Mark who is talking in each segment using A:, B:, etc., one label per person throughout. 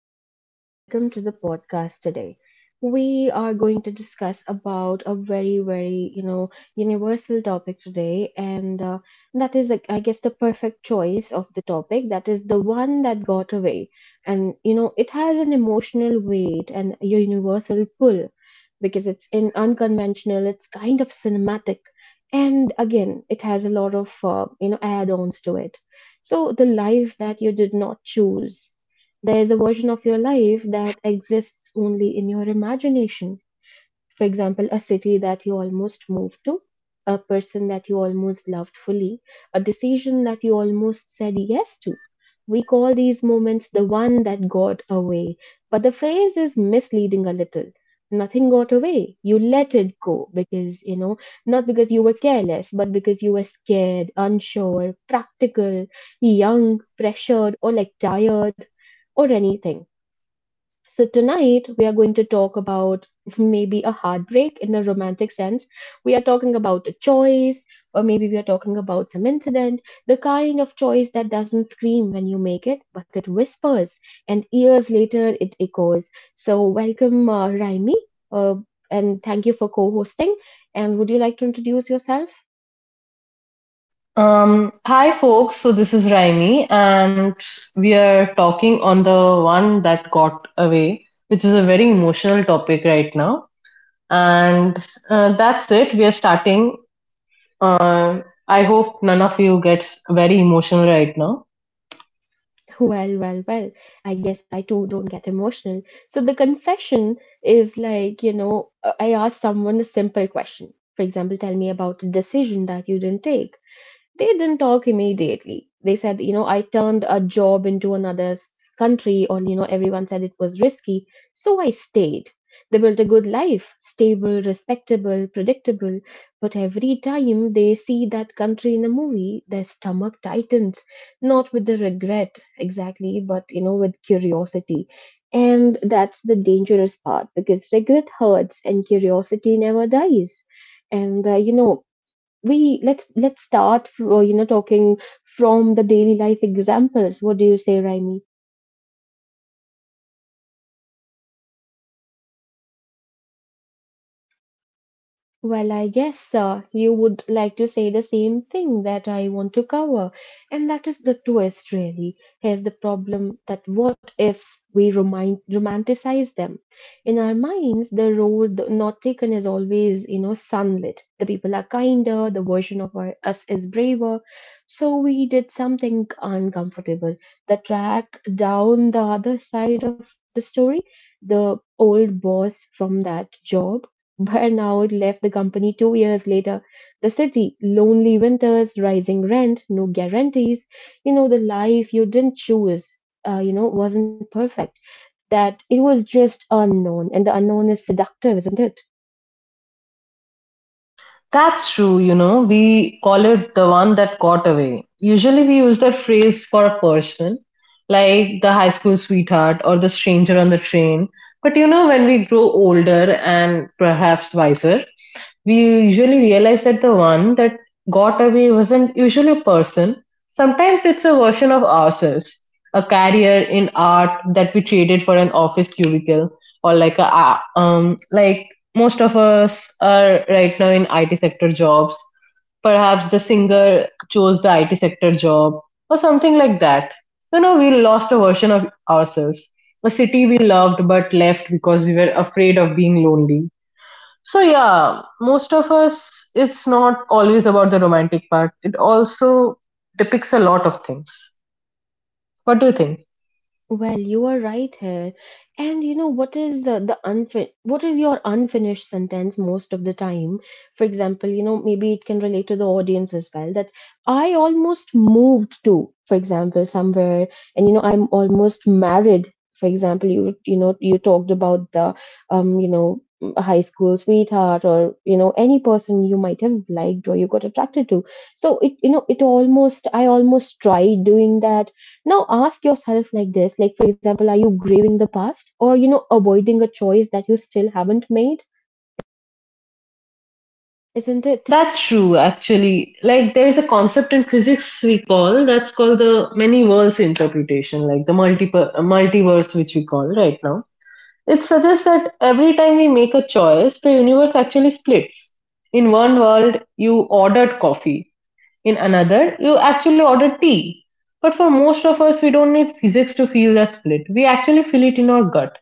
A: listeners, and welcome to the podcast today. We are going to discuss about a very, very, universal topic today, and that is, like, I guess, the perfect choice of the topic. That is the one that got away, and it has an emotional weight and a universal pull because it's in unconventional. It's kind of cinematic, and again, it has a lot of, add-ons to it. So the life that you did not choose, there is a version of your life that exists only in your imagination, for example, a city that you almost moved to, a person that you almost loved fully, a decision that you almost said yes to. We call these moments the one that got away, but the phrase is misleading a little. Nothing got away. You let it go because, not because you were careless, but because you were scared, unsure, practical, young, pressured, or like tired, or anything. So, tonight we are going to talk about maybe a heartbreak in a romantic sense. We are talking about a choice, or maybe we are talking about some incident, the kind of choice that doesn't scream when you make it, but it whispers, and years later it echoes. So, welcome, Raimi, uh, and thank you for co hosting. And would you like to introduce yourself?
B: Hi folks, so this is Raimi and we are talking on the one that got away, which is a very emotional topic right now. And that's it. We are starting. Uh, I hope none of you gets very emotional right now.
A: Well, well, well. I guess I too don't get emotional. So the confession is like, I ask someone a simple question. For example, tell me about a decision that you didn't take. They didn't talk immediately. They said, I turned a job into another country, or, everyone said it was risky. So I stayed. They built a good life, stable, respectable, predictable. But every time they see that country in a movie, their stomach tightens, not with the regret exactly, but, with curiosity. And that's the dangerous part because regret hurts and curiosity never dies. And, you know, we let's start talking from the daily life examples. What do you say, Raimi? Well, I guess you would like to say the same thing that I want to cover. And that is the twist, really. Here's the problem that what ifs we remind, romanticize them. In our minds, the road not taken is always, sunlit. The people are kinder, the version of us is braver. So we did something uncomfortable. The track down the other side of the story, the old boss from that job Burnout left the company 2 years later. The city, lonely winters, rising rent, no guarantees. The life you didn't choose, wasn't perfect. That it was just unknown, and the unknown is seductive, isn't it?
B: That's true, you know, we call it the one that got away. Usually we use that phrase for a person, like the high school sweetheart or the stranger on the train. But you know, when we grow older and perhaps wiser, we usually realize that the one that got away wasn't usually a person. Sometimes it's a version of ourselves, a career in art that we traded for an office cubicle, or like a like most of us are right now in IT sector jobs. Perhaps the singer chose the IT sector job or something like that. You know, we lost a version of ourselves, a city we loved but left because we were afraid of being lonely. So yeah, most of us, it's not always about the romantic part. It also depicts a lot of things. What do you think?
A: Well, you are right here. And what is your unfinished sentence most of the time? For example, maybe it can relate to the audience as well that I almost moved to, for example, somewhere, and I'm almost married. For example, you talked about um, you know, a high school sweetheart or any person you might have liked or you got attracted to. So it you know, it almost I almost tried doing that. Now ask yourself like this, like for example, are you grieving the past or avoiding a choice that you still haven't made? Isn't it?
B: That's true, actually. Like there is a concept in physics we call that's called the many worlds interpretation, like the multiple multiverse which we call right now. It suggests that every time we make a choice, the universe actually splits. In one world, you ordered coffee. In another, you actually order tea. But for most of us, we don't need physics to feel that split. We actually feel it in our gut.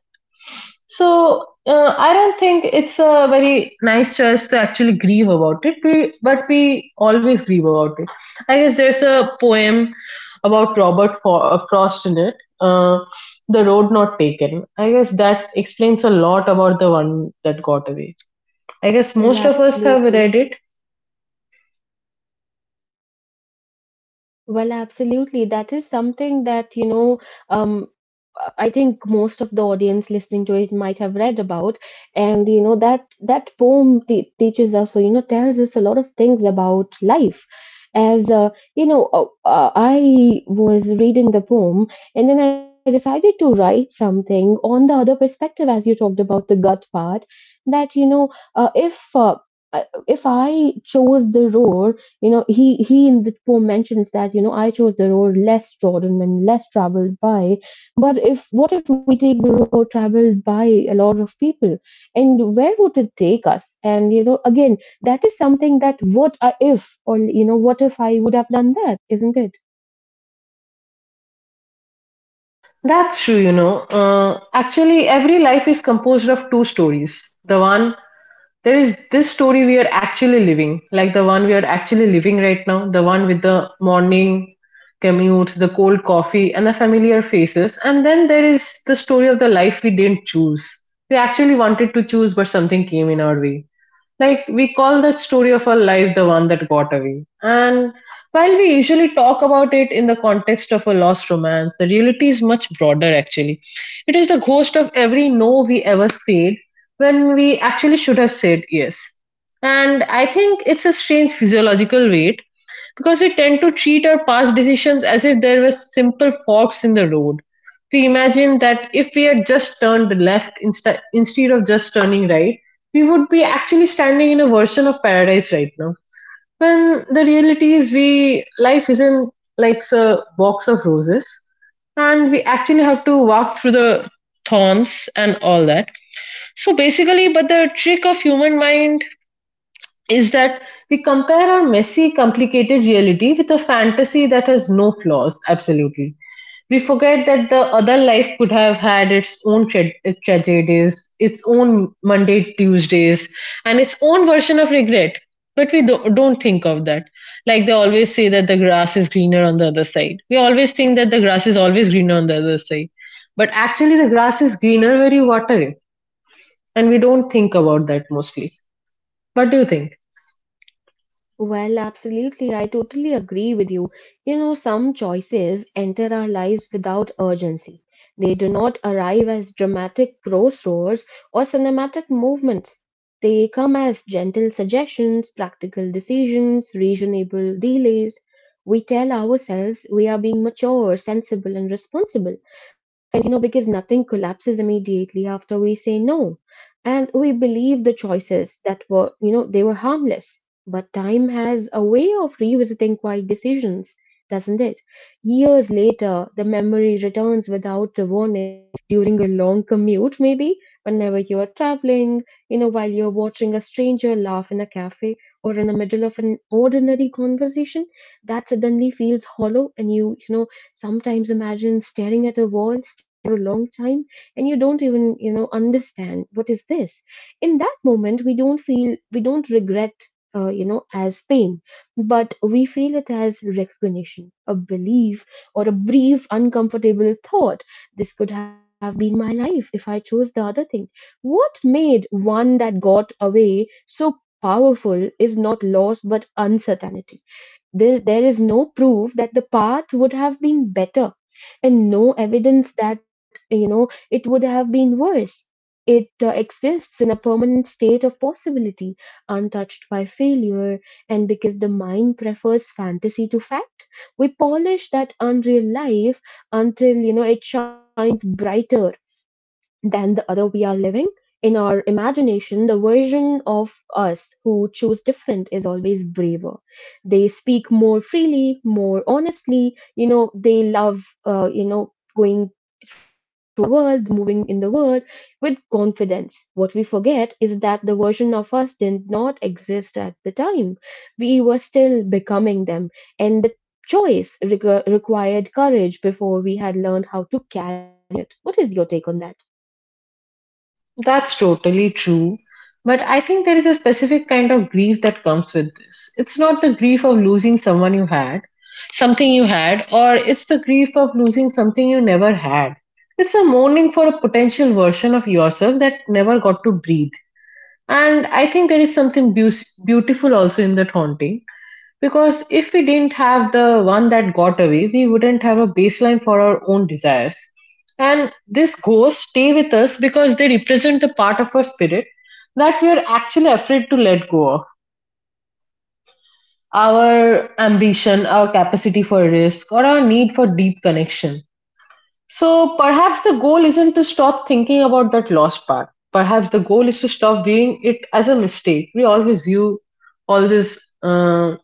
B: So I don't think it's a very nice choice to actually grieve about it, we, but we always grieve about it. I guess there's a poem about Frost in it, uh, The Road Not Taken. I guess that explains a lot about the one that got away. I guess
A: Well,
B: most of us have
A: absolutely.
B: read it.
A: Well, absolutely. That is something thatum, I think most of the audience listening to it might have read about. And, that poem te teaches us, or, tells us a lot of things about life. As, I was reading the poem and then I decided to write something on the other perspective, as you talked about the gut part, that, if I chose the road, he in the poem mentions that I chose the road less trodden and less traveled by. But if what if we take the road traveled by a lot of people, and where would it take us? And again, that is something that what I- if or you know, what if I would have done that, isn't it?
B: That's true, you know. Actually, every life is composed of two stories. The one, there is this story we are actually living, like the one we are actually living right now, the one with the morning commutes, the cold coffee, and the familiar faces. And then there is the story of the life we didn't choose. We actually wanted to choose, but something came in our way like we call that story of our life the one that got away. And while we usually talk about it in the context of a lost romance, the reality is much broader actually. It is the ghost of every no we ever said when we actually should have said yes. And I think it's a strange physiological weight because we tend to treat our past decisions as if there were simple forks in the road. We imagine that if we had just turned left instead of just turning right, we would be actually standing in a version of paradise right now. When the reality is, we life isn't like a box of roses, and we actually have to walk through the thorns and all that. So basically, but the trick of human mind is that we compare our messy, complicated reality with a fantasy that has no flaws, absolutely. We forget that the other life could have had its own tragedies, its own Monday, Tuesdays, and its own version of regret. But we don't think of that. Like they always say that the grass is greener on the other side. We always think that the grass is always greener on the other side. But actually, the grass is greener where you water it. And we don't think about that mostly. What do you think?
A: Well, absolutely. I totally agree with you. Some choices enter our lives without urgency. They do not arrive as dramatic crossroads or cinematic movements. They come as gentle suggestions, practical decisions, reasonable delays. We tell ourselves we are being mature, sensible, and responsible, and because nothing collapses immediately after we say no. And we believe the choices that were, they were harmless. But time has a way of revisiting quiet decisions, doesn't it? Years later, the memory returns without the warning during a long commute, maybe, whenever you're traveling, while you're watching a stranger laugh in a cafe or in the middle of an ordinary conversation that suddenly feels hollow, and you, sometimes imagine staring at a wall for a long time, and you don't even understand what is this. In that moment we don't regret as pain, but we feel it as recognition, a belief, or a brief uncomfortable thought: this could have been my life if I chose the other thing. What made one that got away so powerful is not loss but uncertainty. There is no proof that the path would have been better and no evidence that it would have been worse. It exists in a permanent state of possibility, untouched by failure, and because the mind prefers fantasy to fact, we polish that unreal life until it shines brighter than the other we are living. In our imagination, the version of us who choose different is always braver. They speak more freely, more honestly. They love, uh, you know, going the world, moving in the world with confidence. What we forget is that the version of us did not exist at the time. We were still becoming them, and the choice required courage before we had learned how to carry it. What is your take on that?
B: That's totally true. But I think there is a specific kind of grief that comes with this. It's not the grief of losing someone you had, something you had, or it's the grief of losing something you never had. It's a mourning for a potential version of yourself that never got to breathe. And I think there is something beautiful also in that haunting. Because if we didn't have the one that got away, we wouldn't have a baseline for our own desires. And these ghosts stay with us because they represent the part of our spirit that we are actually afraid to let go of our ambition, our capacity for risk, or our need for deep connection. So perhaps the goal isn't to stop thinking about that lost part. Perhaps the goal is to stop viewing it as a mistake. We always view all these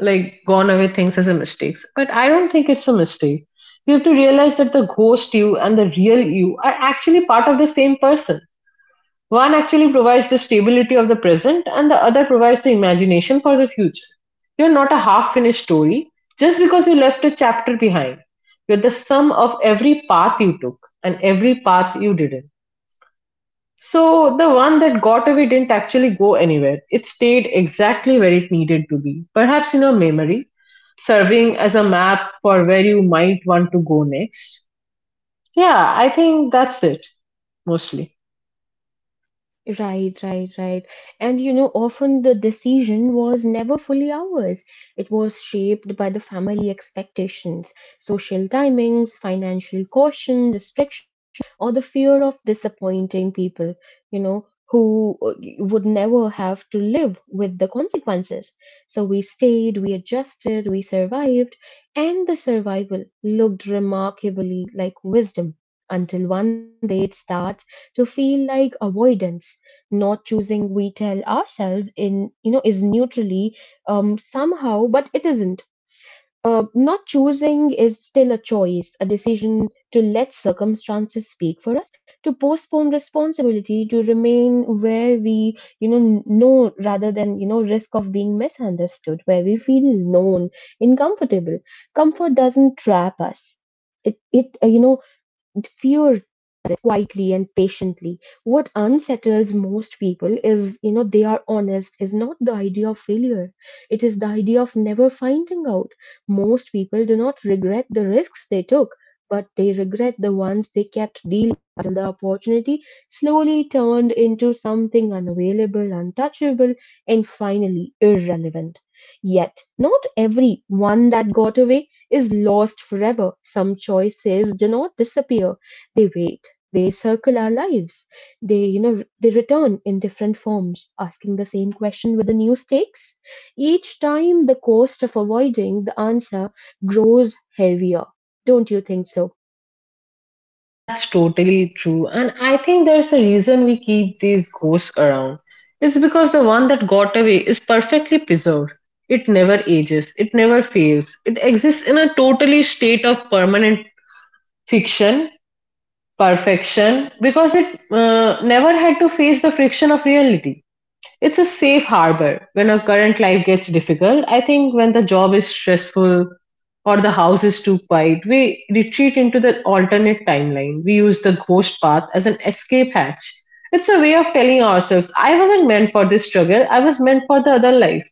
B: like gone away things as a mistakes, but I don't think it's a mistake. You have to realize that the ghost you and the real you are actually part of the same person. One actually provides the stability of the present and the other provides the imagination for the future. You're not a half-finished story just because you left a chapter behind. You're the sum of every path you took and every path you didn't. So the one that got away didn't actually go anywhere. It stayed exactly where it needed to be, perhaps in your memory, serving as a map for where you might want to go next. Yeah, I think that's it, mostly.
A: Right, right, right. And often the decision was never fully ours. It was shaped by the family expectations, social timings, financial caution, restriction, or the fear of disappointing people, who would never have to live with the consequences. So we stayed, we adjusted, we survived, and the survival looked remarkably like wisdom until one day it started to feel like avoidance. Not choosing, we tell ourselves in is neutrally somehow, but it isn't. Not choosing is still a choice, a decision to let circumstances speak for us, to postpone responsibility, to remain where we know rather than risk of being misunderstood, where we feel known and comfortable. Comfort doesn't trap us. It fear quietly and patiently. What unsettles most people is, they are honest, is not the idea of failure. It is the idea of never finding out. Most people do not regret the risks they took, but they regret the ones they kept dealing with until the opportunity slowly turned into something unavailable, untouchable, and finally irrelevant. Yet, not every one that got away is lost forever. Some choices do not disappear, they wait, they circle our lives. They return in different forms, asking the same question with the new stakes. Each time, the cost of avoiding the answer grows heavier. Don't you think so?
B: That's totally true. And I think there's a reason we keep these ghosts around. It's because the one that got away is perfectly preserved. It never ages, it never fails. It exists in a totally state of permanent fiction, perfection, because it never had to face the friction of reality. It's a safe harbor when our current life gets difficult. I think when the job is stressful or the house is too quiet, we retreat into the alternate timeline. We use the ghost path as an escape hatch. It's a way of telling ourselves, I wasn't meant for this struggle, I was meant for the other life.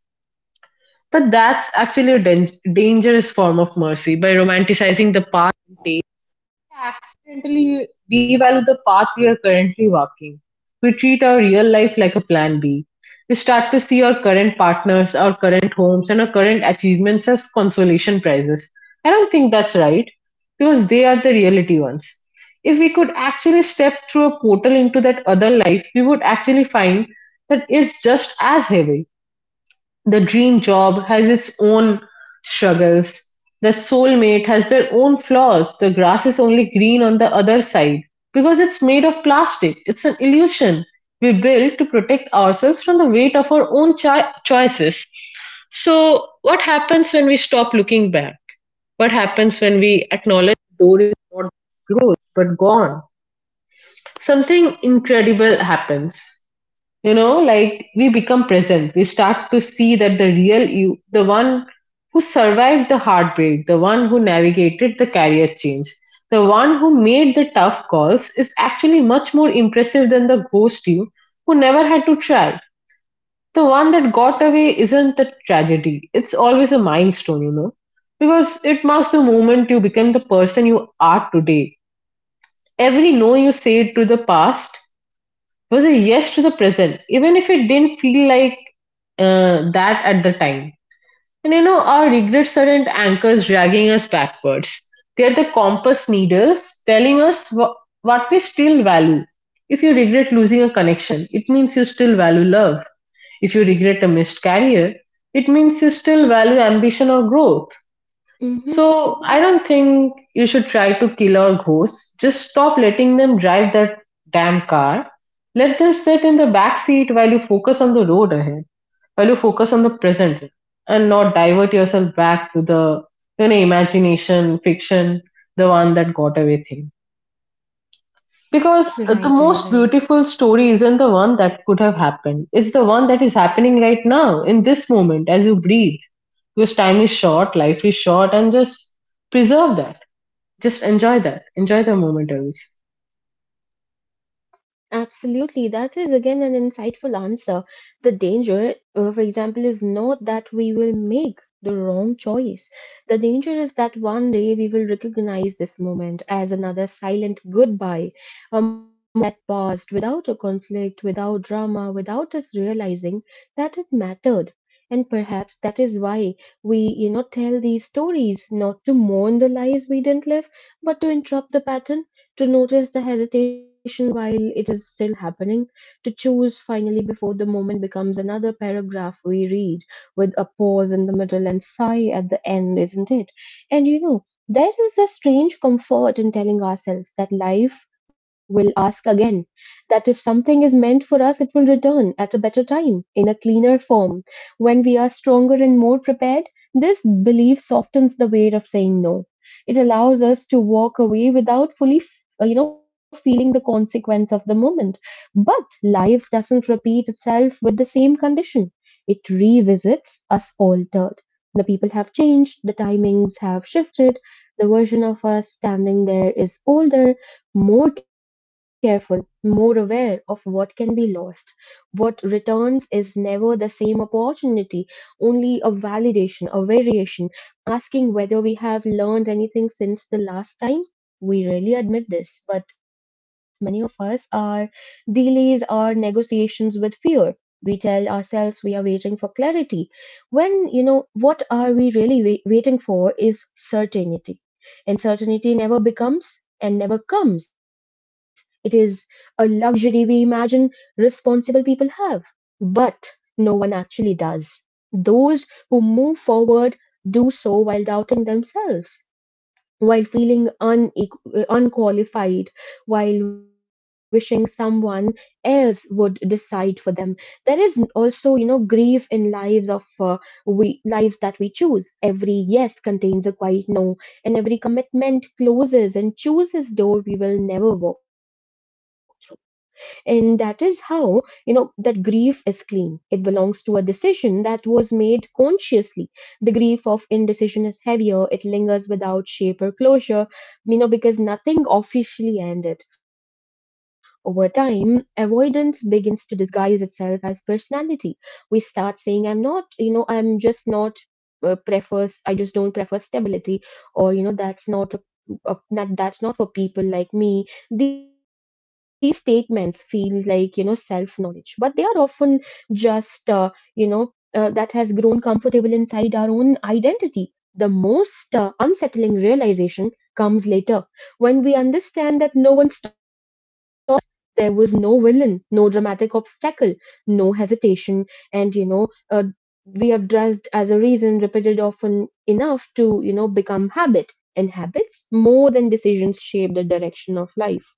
B: But that's actually a dangerous form of mercy by romanticizing the past, and accidentally devalue the path we are currently walking. We treat our real life like a plan B. We start to see our current partners, our current homes, and our current achievements as consolation prizes. I don't think that's right because they are the reality ones. If we could actually step through a portal into that other life, we would actually find that it's just as heavy. The dream job has its own struggles, the soulmate has their own flaws, the grass is only green on the other side. Because it's made of plastic, it's an illusion we build to protect ourselves from the weight of our own choices. So, what happens when we stop looking back? What happens when we acknowledge the door is not closed but gone? Something incredible happens, you know, like we become present. We start to see that the real you, the one who survived the heartbreak, the one who navigated the career change, the one who made the tough calls is actually much more impressive than the ghost you who never had to try. The one that got away isn't a tragedy, it's always a milestone, you know, because it marks the moment you become the person you are today. Every no you say to the past, it was a yes to the present, even if it didn't feel like that at the time. And you know, our regrets aren't anchors dragging us backwards. They're the compass needles telling us what we still value. If you regret losing a connection, it means you still value love. If you regret a missed career, it means you still value ambition or growth.
A: Hmm.
B: So I don't think you should try to kill our ghosts. Just stop letting them drive that damn car. Let them sit in the back seat while you focus on the road ahead, while you focus on the present and not divert yourself back to the you know imagination, fiction, the one that got away thing.
A: Right, right,
B: Because the
A: right.
B: most beautiful story isn't the one that could have happened. It's the one that is happening right now, in this moment, as you breathe. Because time is short, life is short, and just preserve that. Just enjoy that. Enjoy the moment, else.
A: Absolutely. That is again an insightful answer. The danger, for example, is not that we will make the wrong choice. The danger is that one day we will recognize this moment as another silent goodbye, a moment that passed without a conflict, without drama, without us realizing that it mattered. And perhaps that is why we, tell these stories not to mourn the lives we didn't live, but to interrupt the pattern, to notice the hesitation while it is still happening, to choose finally before the moment becomes another paragraph we read with a pause in the middle and sigh at the end, isn't it? And there is a strange comfort in telling ourselves that life will ask again, that if something is meant for us, it will return at a better time, in a cleaner form, when we are stronger and more prepared. This belief softens the weight of saying no. It allows us to walk away without fully feeling the consequence of the moment. But life doesn't repeat itself with the same condition. It revisits us altered. The people have changed, the timings have shifted. The version of us standing there is older, more careful, more aware of what can be lost. What returns is never the same opportunity, only a validation, a variation. Asking whether we have learned anything since the last time, we rarely admit this, but many of us are delays our negotiations with fear. We tell ourselves we are waiting for clarity. When, what are we really waiting for is certainty. And certainty never becomes and never comes. It is a luxury we imagine responsible people have, but no one actually does. Those who move forward do so while doubting themselves, while feeling unqualified, while wishing someone else would decide for them. There is also, grief in lives that we choose. Every yes contains a quiet no, and every commitment closes and chooses door we will never walk through. And that is how you know that grief is clean. It belongs to a decision that was made consciously. The grief of indecision is heavier. It lingers without shape or closure, because nothing officially ended. Over time, avoidance begins to disguise itself as personality. We start saying, uh, prefer I just don't prefer stability. Or that's not for people like me. These statements feel like, self knowledge, but they are often just, that has grown comfortable inside our own identity. The most unsettling realization comes later, when we understand that no one, there was no villain, no dramatic obstacle, no hesitation, and, we have dressed as a reason repeated often enough to become habit. And habits, more than decisions, shape the direction of life.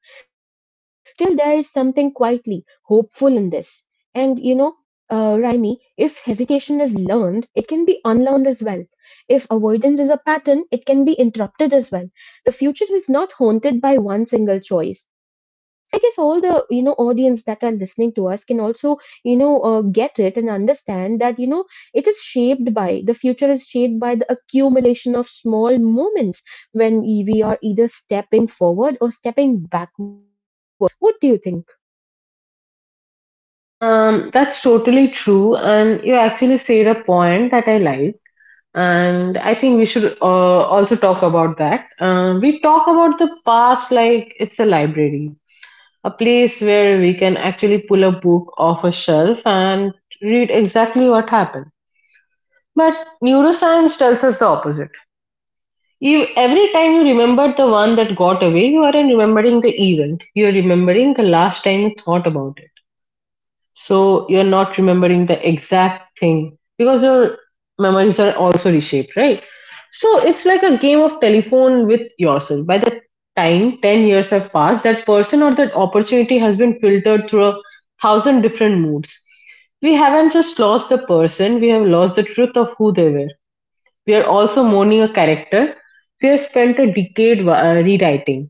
A: Still, there is something quietly hopeful in this. And, Raimi, if hesitation is learned, it can be unlearned as well. If avoidance is a pattern, it can be interrupted as well. The future is not haunted by one single choice. I guess all the audience that are listening to us can also get it and understand that it is shaped by the future is shaped by the accumulation of small moments, when we are either stepping forward or stepping backwards. What do you think?
B: That's totally true, and you actually said a point that I like, and I think we should also talk about that. We talk about the past like it's a library, a place where we can actually pull a book off a shelf and read exactly what happened. But neuroscience tells us the opposite. You, every time you remember the one that got away, you aren't remembering the event. You're remembering the last time you thought about it. So you're not remembering the exact thing because your memories are also reshaped, right? So it's like a game of telephone with yourself. By the time 10 years have passed, that person or that opportunity has been filtered through a thousand different moods. We haven't just lost the person, we have lost the truth of who they were. We are also mourning a character we have spent a decade rewriting.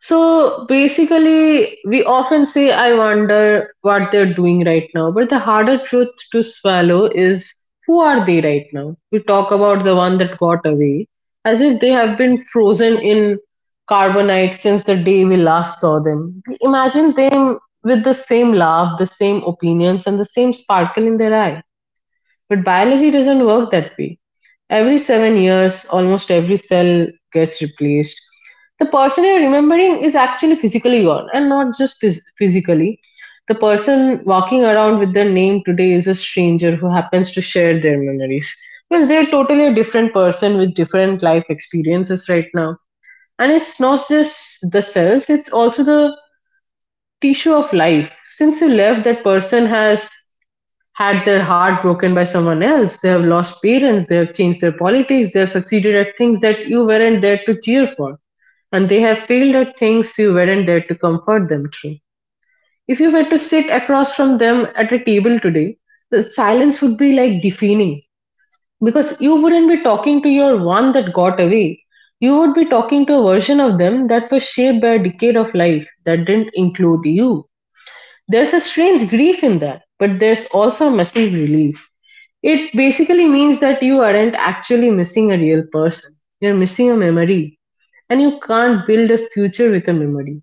B: So basically, we often say, I wonder what they're doing right now. But the harder truth to swallow is, who are they right now? We talk about the one that got away as if they have been frozen in carbonite since the day we last saw them. We imagine them with the same laugh, the same opinions, and the same sparkle in their eye. But biology doesn't work that way. Every 7 years, almost every cell gets replaced. The person you're remembering is actually physically gone, and not just physically. The person walking around with their name today is a stranger who happens to share their memories. Because they're totally a different person with different life experiences right now. And it's not just the cells, it's also the tissue of life. Since you left, that person has had their heart broken by someone else. They have lost parents, they have changed their politics, they have succeeded at things that you weren't there to cheer for, and they have failed at things you weren't there to comfort them through. If you were to sit across from them at a table today, the silence would be like deafening because you wouldn't be talking to your one that got away. You would be talking to a version of them that was shaped by a decade of life that didn't include you. There's a strange grief in that, but there's also a massive relief. It basically means that you aren't actually missing a real person. You're missing a memory. And you can't build a future with a memory.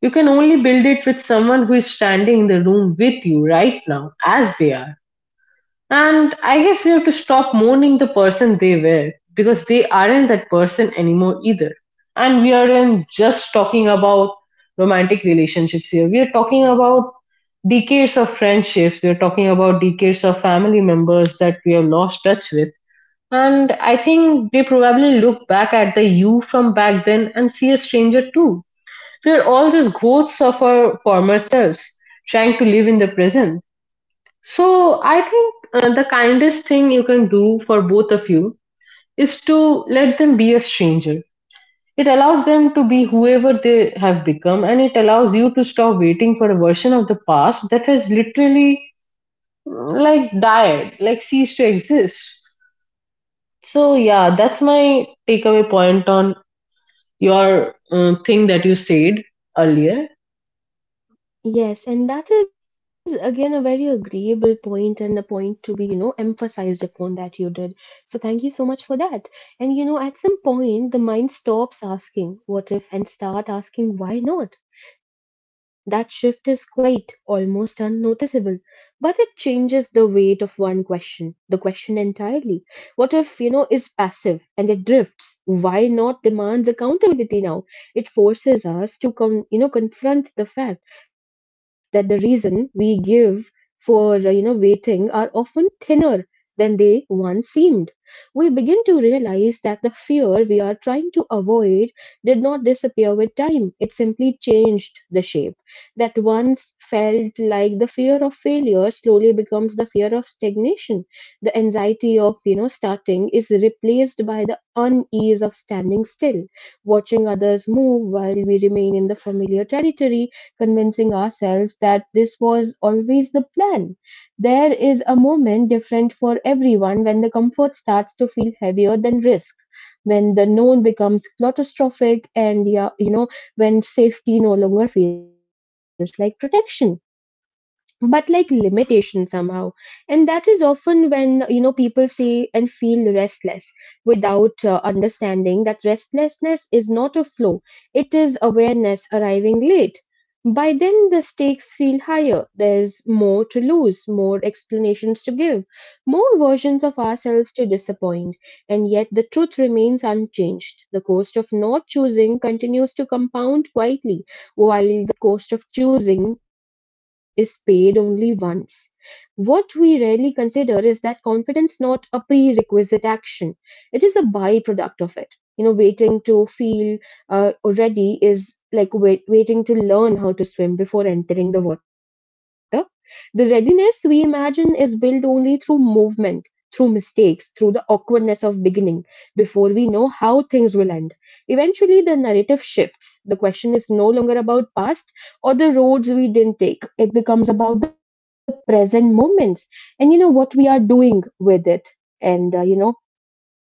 B: You can only build it with someone who is standing in the room with you right now, as they are. And I guess we have to stop mourning the person they were because they aren't that person anymore either. And we aren't just talking about romantic relationships here. We are talking about decades of friendships. We are talking about decades of family members that we have lost touch with. And I think they probably look back at the you from back then and see a stranger too. We are all just ghosts of our former selves, trying to live in the present. So I think the kindest thing you can do for both of you is to let them be a stranger. It allows them to be whoever they have become, and it allows you to stop waiting for a version of the past that has literally like died, like ceased to exist. So yeah, that's my takeaway point on your thing that you said earlier.
A: Yes, and that is again a very agreeable point, and a point to be, emphasized upon that you did. So thank you so much for that. And, at some point, the mind stops asking what if and start asking why not. That shift is quite almost unnoticeable. But it changes the weight of one question, the question entirely. What if is passive and it drifts? Why not demands accountability now? It forces us to confront the fact that the reason we give for, waiting are often thinner than they once seemed. We begin to realize that the fear we are trying to avoid did not disappear with time. It simply changed the shape that once felt like the fear of failure slowly becomes the fear of stagnation. The anxiety of, starting is replaced by the unease of standing still, watching others move while we remain in the familiar territory, convincing ourselves that this was always the plan. There is a moment, different for everyone, when the comfort starts to feel heavier than risk, when the known becomes claustrophobic, and yeah, when safety no longer feels like protection, but like limitation somehow. And that is often when people say and feel restless, without understanding that restlessness is not a flow. It is awareness arriving late. By then, the stakes feel higher, there's more to lose, more explanations to give, more versions of ourselves to disappoint. And yet the truth remains unchanged. The cost of not choosing continues to compound quietly, while the cost of choosing is paid only once. What we rarely consider is that confidence not a prerequisite action. It is a byproduct of it. Waiting to feel ready is like waiting to learn how to swim before entering the water. The readiness we imagine is built only through movement, through mistakes, through the awkwardness of beginning, before we know how things will end. Eventually, the narrative shifts. The question is no longer about past, or the roads we didn't take. It becomes about the present moments, and what we are doing with it. And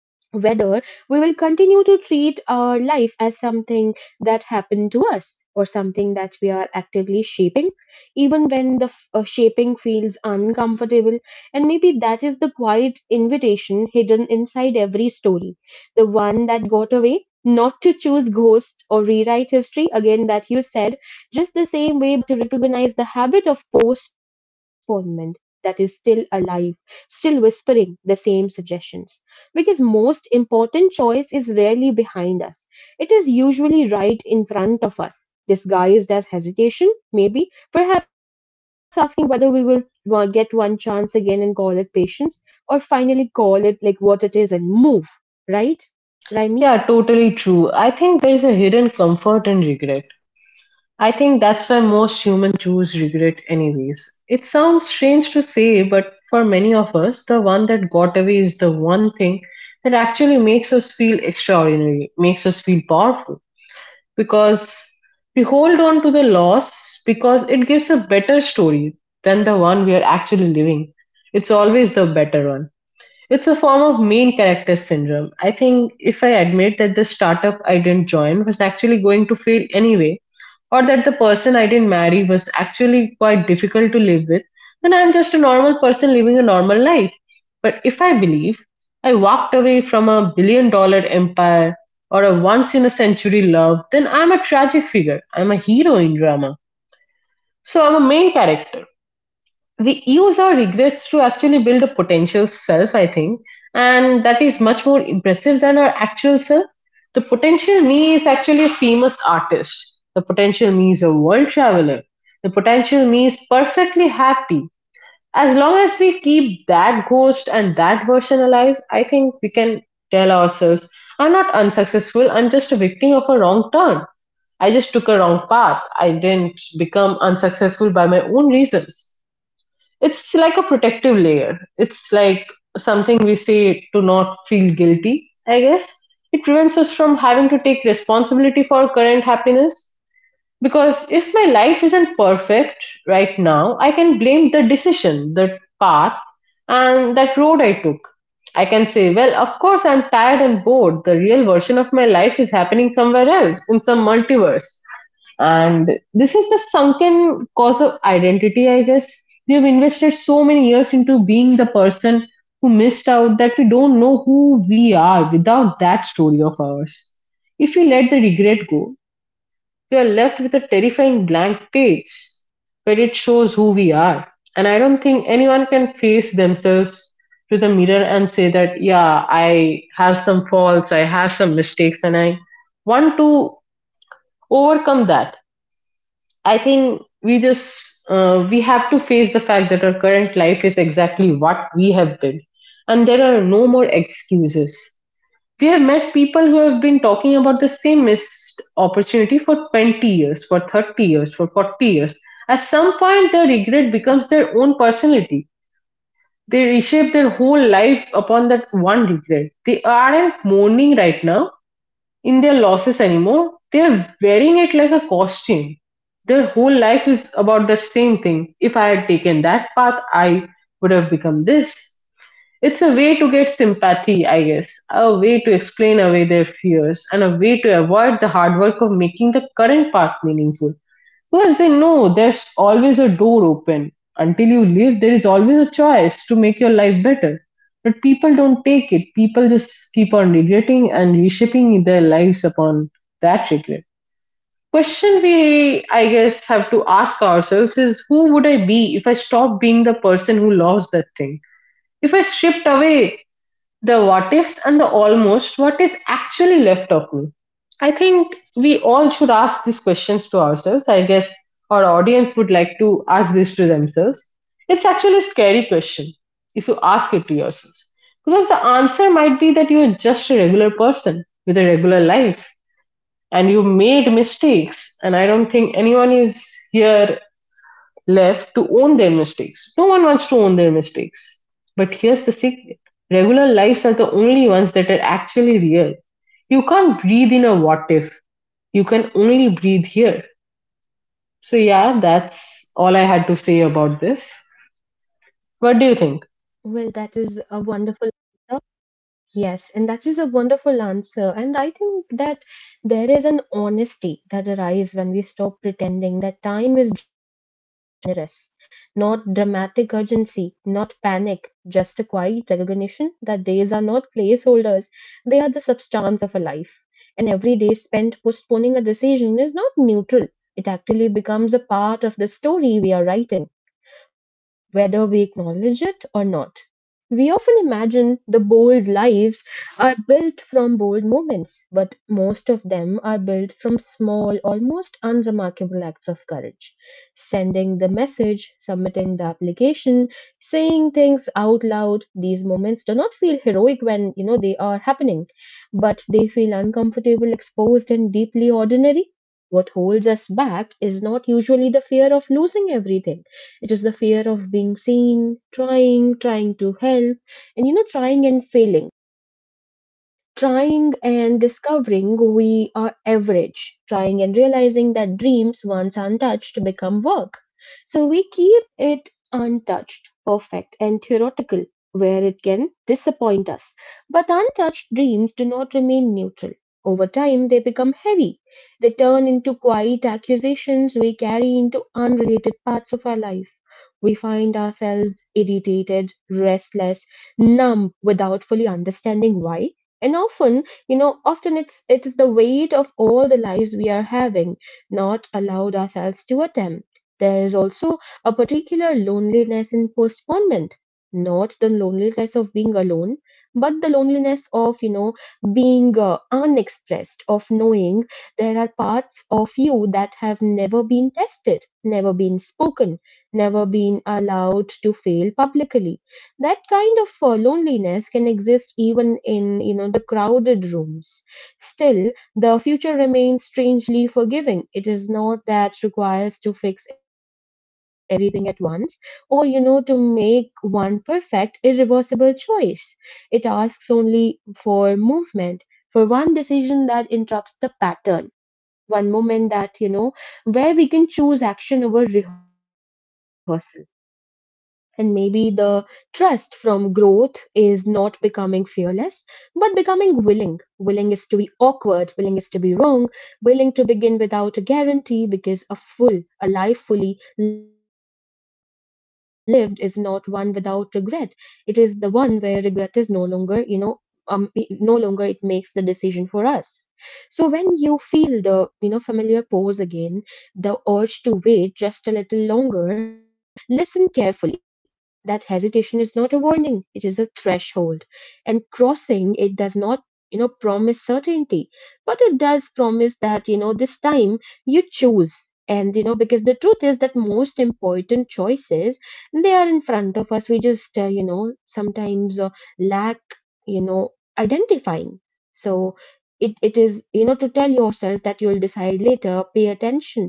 A: whether we will continue to treat our life as something that happened to us, or something that we are actively shaping, even when shaping feels uncomfortable. And maybe that is the quiet invitation hidden inside every story, the one that got away. Not to choose ghosts or rewrite history again, that you said, just the same way, but to recognize the habit of postponement that is still alive, still whispering the same suggestions, because most important choice is rarely behind us. It is usually right in front of us, disguised as hesitation, maybe. Perhaps asking whether we will get one chance again and call it patience, or finally call it like what it is and move, right? Raimi?
B: Yeah, totally true. I think there is a hidden comfort in regret. I think that's why most human choose regret anyways. It sounds strange to say, but for many of us, the one that got away is the one thing that actually makes us feel extraordinary, makes us feel powerful. Because we hold on to the loss because it gives a better story than the one we are actually living. It's always the better one. It's a form of main character syndrome. I think if I admit that the startup I didn't join was actually going to fail anyway, or that the person I didn't marry was actually quite difficult to live with, then I'm just a normal person living a normal life. But if I believe I walked away from a billion dollar empire or a once in a century love, then I'm a tragic figure. I'm a hero in drama. So I'm a main character. We use our regrets to actually build a potential self, I think, and that is much more impressive than our actual self. The potential me is actually a famous artist. The potential me is a world traveler. The potential me is perfectly happy. As long as we keep that ghost and that version alive, I think we can tell ourselves, I'm not unsuccessful, I'm just a victim of a wrong turn. I just took a wrong path. I didn't become unsuccessful by my own reasons. It's like a protective layer. It's like something we say to not feel guilty, I guess. It prevents us from having to take responsibility for our current happiness. Because if my life isn't perfect right now, I can blame the decision, the path, and that road I took. I can say, well, of course, I'm tired and bored. The real version of my life is happening somewhere else, in some multiverse. And this is the sunken cause of identity, I guess. We have invested so many years into being the person who missed out that we don't know who we are without that story of ours. If we let the regret go, we're left with a terrifying blank page, where it shows who we are. And I don't think anyone can face themselves to the mirror and say that, yeah, I have some faults, I have some mistakes, and I want to overcome that. I think we just we have to face the fact that our current life is exactly what we have been, and there are no more excuses. We have met people who have been talking about the same missed opportunity for 20 years, for 30 years, for 40 years. At some point, their regret becomes their own personality. They reshape their whole life upon that one regret. They aren't mourning right now in their losses anymore. They're wearing it like a costume. Their whole life is about that same thing. If I had taken that path, I would have become this. It's a way to get sympathy, I guess, a way to explain away their fears, and a way to avoid the hard work of making the current path meaningful. Because they know there's always a door open. Until you live, there is always a choice to make your life better. But people don't take it. People just keep on regretting and reshaping their lives upon that regret. Question we, I guess, have to ask ourselves is, who would I be if I stopped being the person who lost that thing? If I stripped away the what-ifs and the almost, what is actually left of me? I think we all should ask these questions to ourselves. I guess our audience would like to ask this to themselves. It's actually a scary question if you ask it to yourself. Because the answer might be that you're just a regular person with a regular life and you made mistakes. And I don't think anyone is here left to own their mistakes. No one wants to own their mistakes. But here's the secret: regular lives are the only ones that are actually real. You can't breathe in a what if, you can only breathe here. So, yeah, that's all I had to say about this. What do you think?
A: Well, that is a wonderful answer. Yes, and that is a wonderful answer. And I think that there is an honesty that arises when we stop pretending that time is generous, not dramatic urgency, not panic, just a quiet recognition that days are not placeholders, they are the substance of a life. And every day spent postponing a decision is not neutral, it actually becomes a part of the story we are writing, whether we acknowledge it or not. We often imagine the bold lives are built from bold moments, but most of them are built from small, almost unremarkable acts of courage. Sending the message, submitting the application, saying things out loud, these moments do not feel heroic when you know they are happening, but they feel uncomfortable, exposed, and deeply ordinary. What holds us back is not usually the fear of losing everything, it is the fear of being seen, trying, trying to help, and, trying and failing. Trying and discovering we are average, trying and realizing that dreams, once untouched, become work. So we keep it untouched, perfect, and theoretical, where it can disappoint us, but untouched dreams do not remain neutral. Over time, they become heavy. They turn into quiet accusations we carry into unrelated parts of our life. We find ourselves irritated, restless, numb, without fully understanding why. And often it is the weight of all the lives we are having, not allowed ourselves to attempt. There is also a particular loneliness in postponement, not the loneliness of being alone, but the loneliness of being unexpressed, of knowing there are parts of you that have never been tested, never been spoken, never been allowed to fail publicly. That kind of loneliness can exist even in the crowded rooms. Still, the future remains strangely forgiving. It is not that requires to fix everything at once, or to make one perfect irreversible choice. It asks only for movement, for one decision that interrupts the pattern, one moment that, where we can choose action over rehearsal. And maybe the trust from growth is not becoming fearless, but becoming willing. Willing is to be awkward, willing is to be wrong, willing to begin without a guarantee, because a life fully lived is not one without regret. It is the one where regret is um, no longer it makes the decision for us. So when you feel the, familiar pause again, the urge to wait just a little longer, listen carefully. That hesitation is not a warning, it is a threshold. And crossing it does not, promise certainty, but it does promise that, this time you choose. And, because the truth is that most important choices, they are in front of us. We just, sometimes lack, you know, identifying. So, it is, to tell yourself that you'll decide later, pay attention.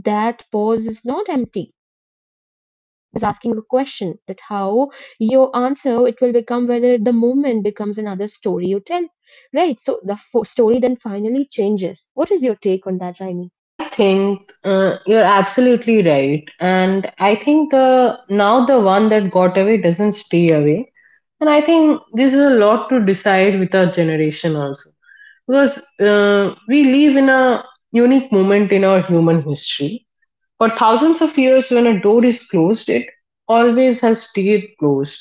A: That pause is not empty, asking a question that how your answer it will become whether the moment becomes another story you tell, right? So the story then finally changes. What is your take on that, Raimi?
B: I think you're absolutely right. And I think the now the one that got away doesn't stay away. And I think this is a lot to decide with our generation also. Because we live in a unique moment in our human history. For thousands of years, when a door is closed, it always has stayed closed.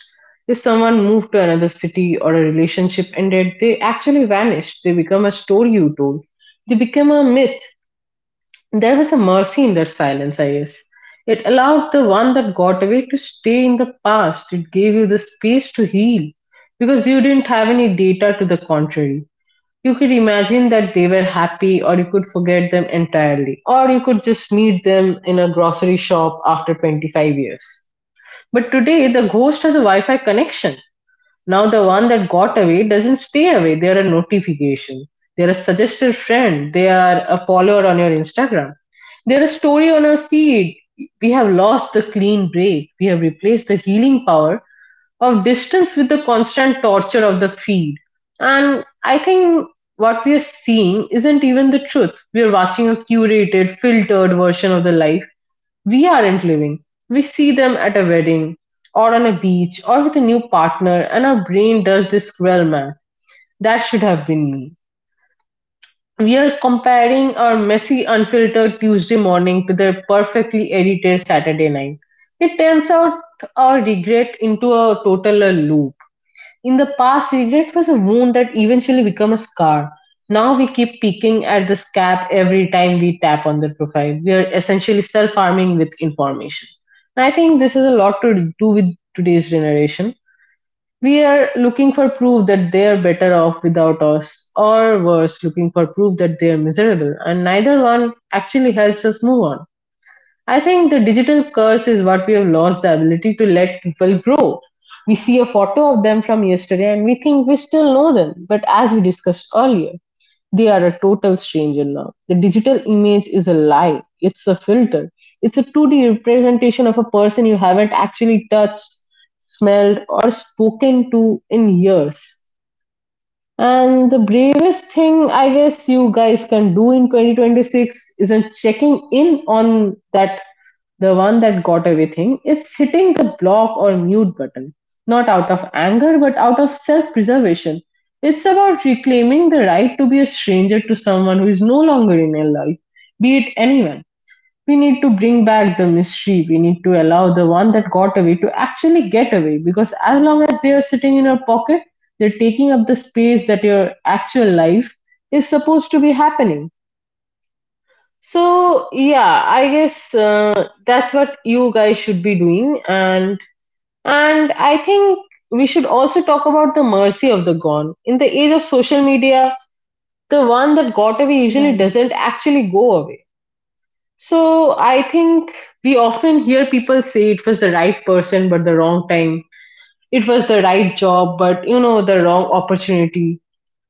B: If someone moved to another city or a relationship ended, they actually vanished. They become a story you told. They become a myth. There was a mercy in that silence, I guess. It allowed the one that got away to stay in the past. It gave you the space to heal because you didn't have any data to the contrary. You could imagine that they were happy, or you could forget them entirely, or you could just meet them in a grocery shop after 25 years. But today, the ghost has a Wi Fi connection. Now the one that got away doesn't stay away. They're a notification. They're a suggested friend. They are a follower on your Instagram. They're a story on our feed. We have lost the clean break. We have replaced the healing power of distance with the constant torture of the feed. And I think what we are seeing isn't even the truth. We are watching a curated, filtered version of the life we aren't living. We see them at a wedding, or on a beach, or with a new partner, and our brain does this cruel math. That should have been me. We are comparing our messy, unfiltered Tuesday morning to their perfectly edited Saturday night. It turns out our regret into a total loop. In the past, regret was a wound that eventually became a scar. Now we keep picking at the scab every time we tap on their profile. We are essentially self harming with information. And I think this is a lot to do with today's generation. We are looking for proof that they are better off without us, or worse, looking for proof that they are miserable, and neither one actually helps us move on. I think the digital curse is what we have lost the ability to let people grow. We see a photo of them from yesterday and we think we still know them, but as we discussed earlier, they are a total stranger now. The digital image is a lie, it's a filter, it's a 2D representation of a person you haven't actually touched, smelled, or spoken to in years. And the bravest thing I guess you guys can do in 2026 isn't checking in on that the one that got away thing. It's hitting the block or mute button, not out of anger but out of self-preservation. It's about reclaiming the right to be a stranger to someone who is no longer in your life, be it anyone. We need to bring back the mystery. We need to allow the one that got away to actually get away, because as long as they are sitting in your pocket, they're taking up the space that your actual life is supposed to be happening. So, yeah, I guess that's what you guys should be doing, and I think we should also talk about the mercy of the gone. In the age of social media, the one that got away usually doesn't
A: Right.
B: actually go away, so I think we often hear people say it was the right person but the wrong time. It was the right job but, you know, the wrong opportunity.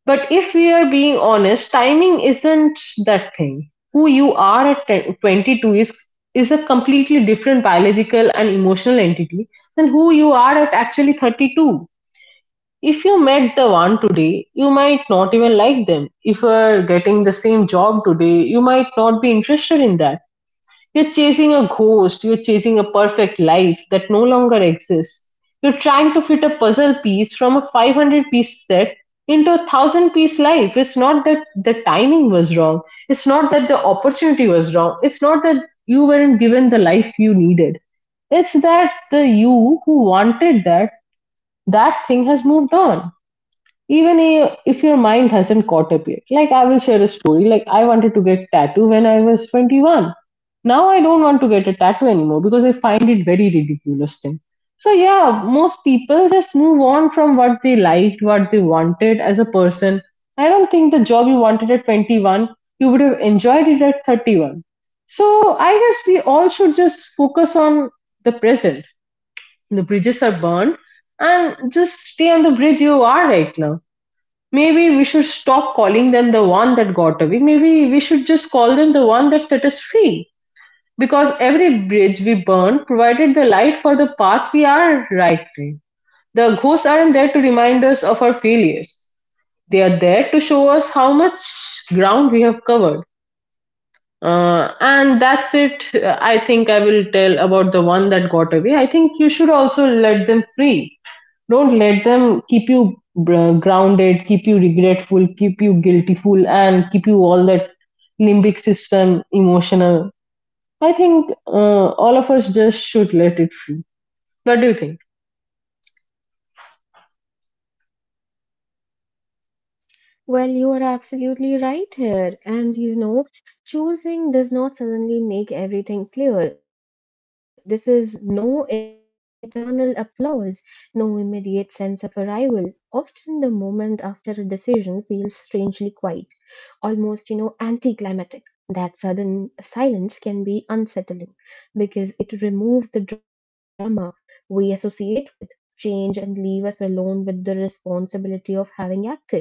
B: But if we are being honest, timing isn't that thing. Who you are at 10, 22 is a completely different biological and emotional entity than who you are at actually 32. If you met the one today, you might not even like them. If you are getting the same job today, you might not be interested in that. You're chasing a ghost, you're chasing a perfect life that no longer exists. You're trying to fit a puzzle piece from a 500-piece set into a 1,000 piece life. It's not that the timing was wrong, it's not that the opportunity was wrong, it's not that you weren't given the life you needed. It's that the you who wanted that, that thing has moved on, even if your mind hasn't caught up yet. Like, I will share a story. Like, I wanted to get tattoo when I was 21. Now I don't want to get a tattoo anymore because I find it very ridiculous thing. So yeah, most people just move on from what they liked, what they wanted as a person. I don't think the job you wanted at 21, you would have enjoyed it at 31. So I guess we all should just focus on the present. The bridges are burned, and just stay on the bridge you are right now. Maybe we should stop calling them the one that got away. Maybe we should just call them the one that set us free. Because every bridge we burn provided the light for the path we are writing. The ghosts aren't there to remind us of our failures. They are there to show us how much ground we have covered. And that's it. I think I will tell about the one that got away. I think you should also let them free. Don't let them keep you grounded, keep you regretful, keep you guiltyful, and keep you all that limbic system emotional. I think all of us just should let it free. What do you think?
A: Well, you are absolutely right here. And, choosing does not suddenly make everything clear. This is no internal applause, no immediate sense of arrival. Often the moment after a decision feels strangely quiet, almost, anticlimactic. That sudden silence can be unsettling because it removes the drama we associate with change and leave us alone with the responsibility of having acted.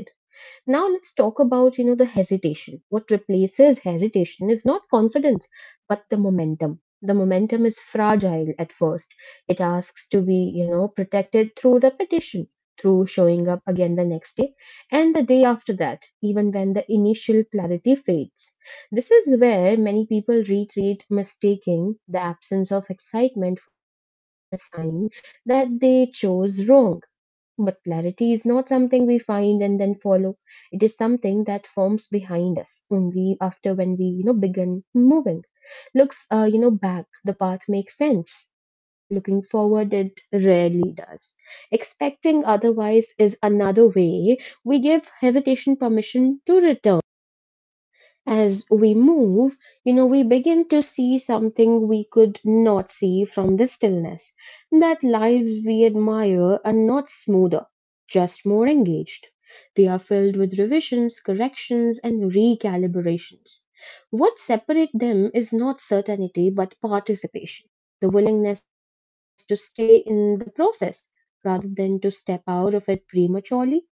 A: Now let's talk about the hesitation. What replaces hesitation is not confidence, but the momentum. The momentum is fragile at first. It asks to be protected through repetition, through showing up again the next day and the day after that, even when the initial clarity fades. This is where many people retreat, mistaking the absence of excitement for a sign that they chose wrong. But clarity is not something we find and then follow. It is something that forms behind us only after when we begin moving. Looks back, the path makes sense. Looking forward, it rarely does. Expecting otherwise is another way we give hesitation permission to return. As we move, we begin to see something we could not see from the stillness. That lives we admire are not smoother, just more engaged. They are filled with revisions, corrections, and recalibrations. What separates them is not certainty but participation, the willingness to stay in the process rather than to step out of it prematurely.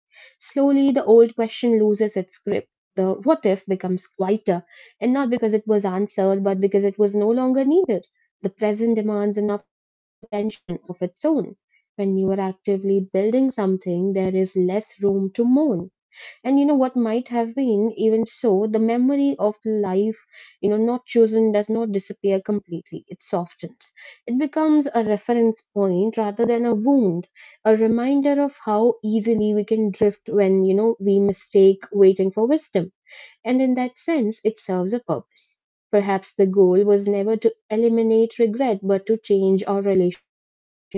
A: Slowly, the old question loses its grip. The what if becomes quieter, and not because it was answered, but because it was no longer needed. The present demands enough attention of its own. When you are actively building something, there is less room to moan and what might have been. Even so, the memory of life not chosen does not disappear completely. It softens. It becomes a reference point rather than a wound, a reminder of how easily we can drift when we mistake waiting for wisdom. And in that sense it serves a purpose. Perhaps the goal was never to eliminate regret but to change our relationship with it,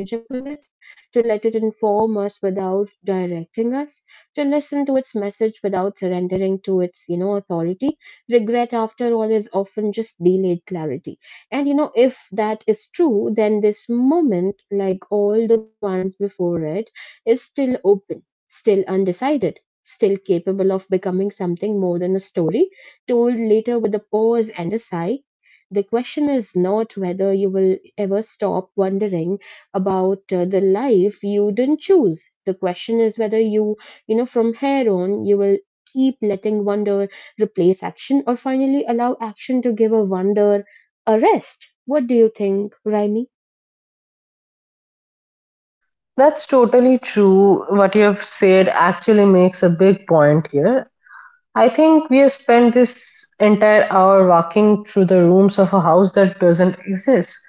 A: to let it inform us without directing us, to listen to its message without surrendering to its authority. Regret, after all, is often just delayed clarity. And, if that is true, then this moment, like all the ones before it, is still open, still undecided. Still capable of becoming something more than a story, told later with a pause and a sigh. The question is not whether you will ever stop wondering about the life you didn't choose. The question is whether you, from here on, you will keep letting wonder replace action or finally allow action to give a wonder a rest. What do you think, Raimi?
B: That's totally true. What you have said actually makes a big point here. I think we have spent this entire hour walking through the rooms of a house that doesn't exist.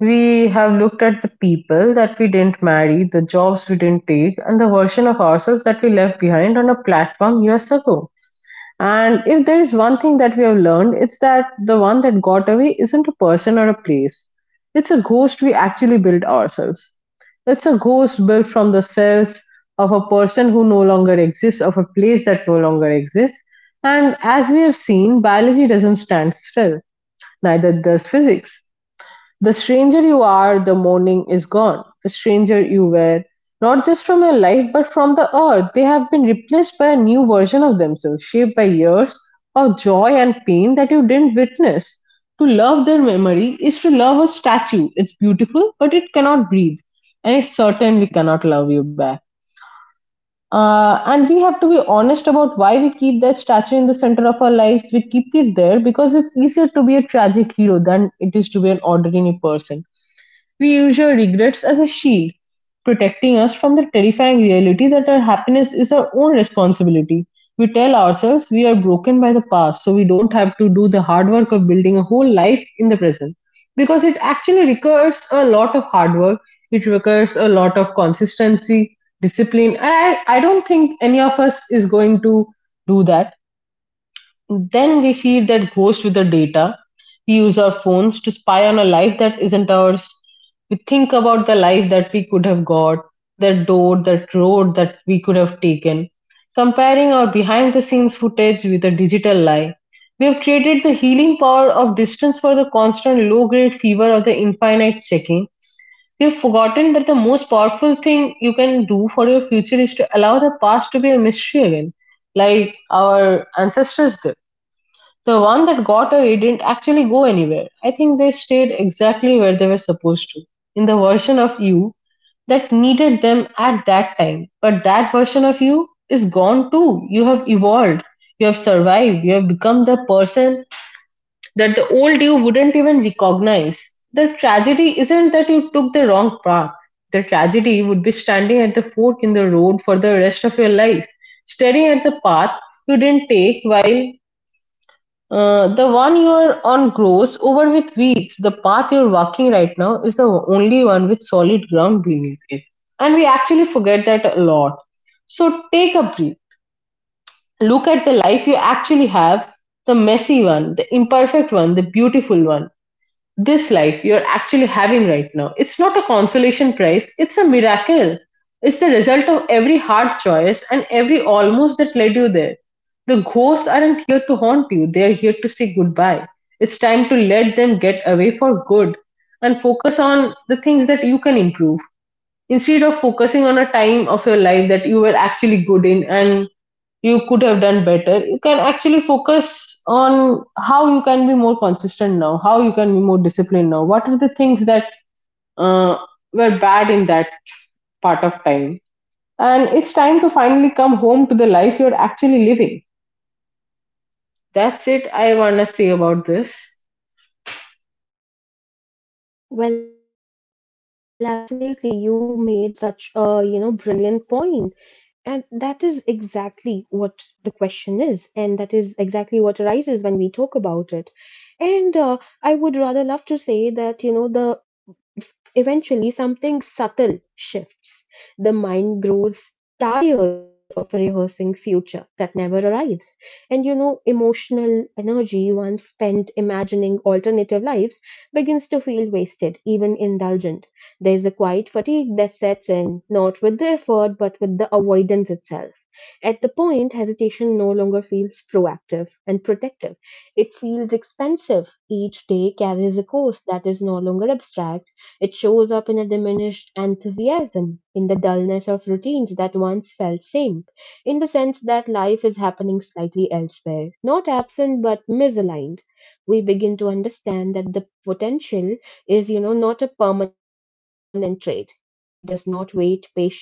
B: We have looked at the people that we didn't marry, the jobs we didn't take, and the version of ourselves that we left behind on a platform years ago. And if there is one thing that we have learned, it's that the one that got away isn't a person or a place. It's a ghost we actually built ourselves. It's a ghost built from the cells of a person who no longer exists, of a place that no longer exists. And as we have seen, biology doesn't stand still, neither does physics. The stranger you are the morning is gone, the stranger you were, not just from your life but from the earth, they have been replaced by a new version of themselves, shaped by years of joy and pain that you didn't witness. To love their memory is to love a statue. It's beautiful, but it cannot breathe, and it's certain we cannot love you back. And we have to be honest about why we keep that statue in the center of our lives. We keep it there because it's easier to be a tragic hero than it is to be an ordinary person. We use our regrets as a shield, protecting us from the terrifying reality that our happiness is our own responsibility. We tell ourselves we are broken by the past, so we don't have to do the hard work of building a whole life in the present. Because it actually requires a lot of hard work, it requires a lot of consistency, discipline, and I don't think any of us is going to do that. Then we feed that ghost with the data. We use our phones to spy on a life that isn't ours. We think about the life that we could have got, that door, that road that we could have taken. Comparing our behind the scenes footage with a digital lie, we have traded the healing power of distance for the constant low grade fever of the infinite checking. We have forgotten that the most powerful thing you can do for your future is to allow the past to be a mystery again, like our ancestors did. The one that got away didn't actually go anywhere. I think they stayed exactly where they were supposed to, in the version of you that needed them at that time. But that version of you is gone too. You have evolved, you have survived, you have become the person that the old you wouldn't even recognize. The tragedy isn't that you took the wrong path. The tragedy would be standing at the fork in the road for the rest of your life, staring at the path you didn't take while the one you're on grows over with weeds. The path you're walking right now is the only one with solid ground beneath it. And we actually forget that a lot. So take a breath. Look at the life you actually have, the messy one, the imperfect one, the beautiful one. This life you're actually having right now, it's not a consolation prize, it's a miracle. It's the result of every hard choice and every almost that led you there. The ghosts aren't here to haunt you, they're here to say goodbye. It's time to let them get away for good and focus on the things that you can improve, instead of focusing on a time of your life that you were actually good in and you could have done better. You can actually focus on how you can be more consistent now, how you can be more disciplined now, what are the things that uh, were bad in that part of time. And it's time to finally come home to the life you're actually living. That's it. I want to say about this.
A: Well, absolutely. You made such a, brilliant point. And that is exactly what the question is, and that is exactly what arises when we talk about it. And I would rather love to say that, you know, the eventually, something subtle shifts. The mind grows tired of rehearsing future that never arrives. And emotional energy once spent imagining alternative lives begins to feel wasted, even indulgent. There's a quiet fatigue that sets in, not with the effort, but with the avoidance itself. At the point, hesitation no longer feels proactive and protective. It feels expensive. Each day carries a cost that is no longer abstract. It shows up in a diminished enthusiasm, in the dullness of routines that once felt same, in the sense that life is happening slightly elsewhere, not absent but misaligned. We begin to understand that the potential is, not a permanent trait. It does not wait patiently.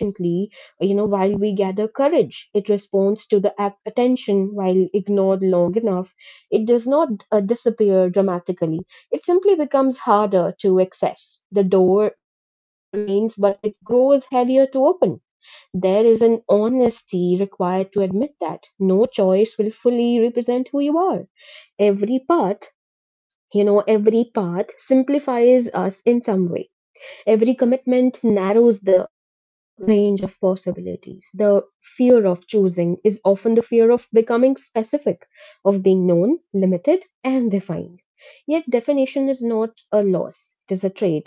A: While we gather courage, it responds to the attention while ignored long enough. It does not disappear dramatically. It simply becomes harder to access. The door remains, but it grows heavier to open. There is an honesty required to admit that no choice will fully represent who you are. Every path, every path simplifies us in some way. Every commitment narrows the range of possibilities. The fear of choosing is often the fear of becoming specific, of being known, limited, and defined. Yet, definition is not a loss, it is a trade.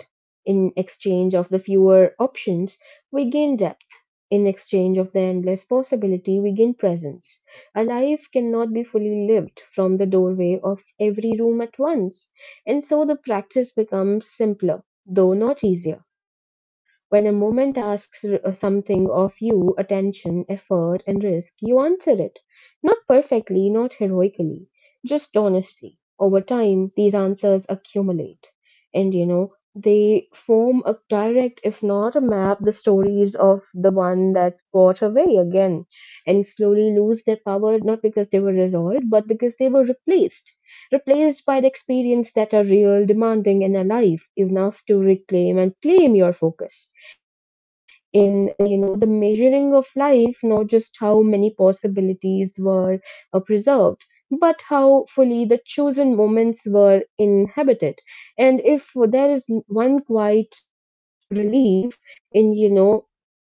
A: In exchange of the fewer options, we gain depth. In exchange of the endless possibility, we gain presence. A life cannot be fully lived from the doorway of every room at once, and so the practice becomes simpler though not easier. When a moment asks something of you, attention, effort, and risk, you answer it. Not perfectly, not heroically, just honestly. Over time, these answers accumulate. And they form a direct, if not a map, the stories of the one that got away again and slowly lose their power, not because they were resolved, but because they were replaced by the experience that are real, demanding, and alive enough to reclaim and claim your focus. In the measuring of life, not just how many possibilities were preserved, but how fully the chosen moments were inhabited. And if there is one quiet relief in you know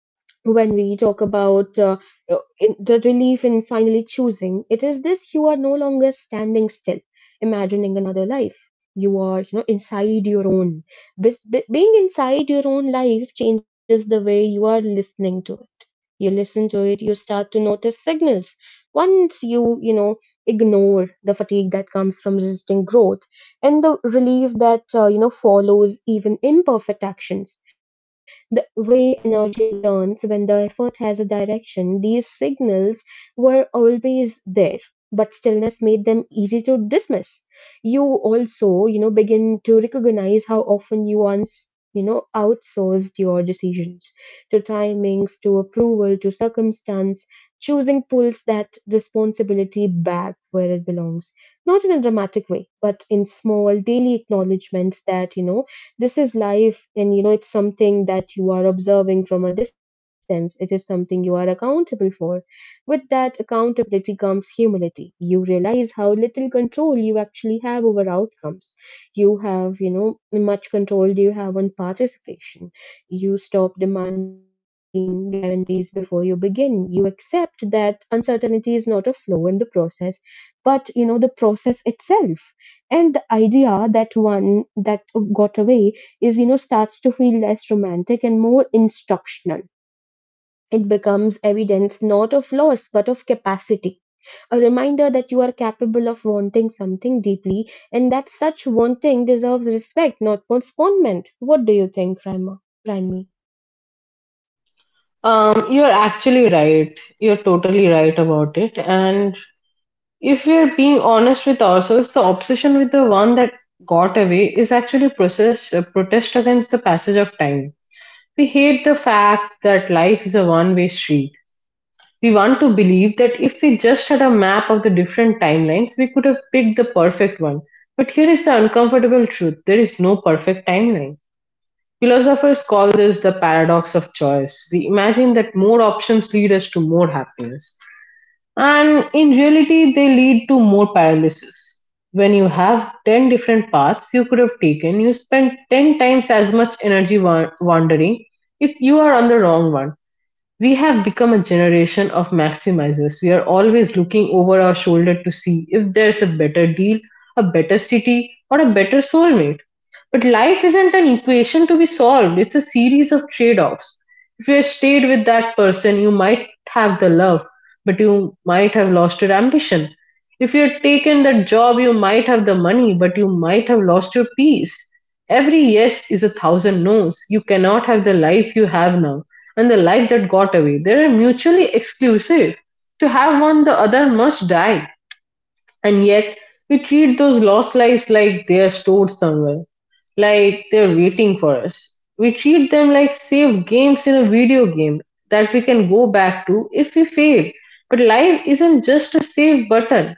A: when we talk about the relief in finally choosing, it is this: you are no longer standing still, imagining another life. You are, inside your own. Being inside your own life changes the way you are listening to it. You listen to it, you start to notice signals. Once you, ignore the fatigue that comes from resisting growth and the relief that, follows even imperfect actions, the way energy returns when the effort has a direction. These signals were always there, but stillness made them easy to dismiss. You also, begin to recognize how often you once, outsourced your decisions to timings, to approval, to circumstance. Choosing pulls that responsibility back where it belongs, not in a dramatic way, but in small daily acknowledgments that, this is life, and it's something that you are observing from a distance. It is something you are accountable for. With that accountability comes humility. You realize how little control you actually have over outcomes. You have much control do you have on participation. You stop demanding guarantees before you begin. You accept that uncertainty is not a flaw in the process but the process itself. And the idea that one that got away is starts to feel less romantic and more instructional. It becomes evidence not of loss but of capacity, a reminder that you are capable of wanting something deeply and that such wanting deserves respect, not postponement. What do you think, Rima? Rimi?
B: You're actually right, you're totally right about it. And if we're being honest with ourselves, the obsession with the one that got away is actually process, a protest against the passage of time. We hate the fact that life is a one way street. We want to believe that if we just had a map of the different timelines, we could have picked the perfect one. But here is the uncomfortable truth: there is no perfect timeline. Philosophers call this the paradox of choice. We imagine that more options lead us to more happiness. And in reality, they lead to more paralysis. When you have 10 different paths you could have taken, you spend 10 times as much energy wandering if you are on the wrong one. We have become a generation of maximizers. We are always looking over our shoulder to see if there's a better deal, a better city, or a better soulmate. But life isn't an equation to be solved, it's a series of trade offs. If you stayed with that person, you might have the love, but you might have lost your ambition. If you had taken that job, you might have the money, but you might have lost your peace. Every yes is a thousand no's. You cannot have the life you have now and the life that got away. They are mutually exclusive. To have one, the other must die. And yet, we treat those lost lives like they're stored somewhere, like they're waiting for us. We treat them like saved games in a video game that we can go back to if we fail. But life isn't just a save button.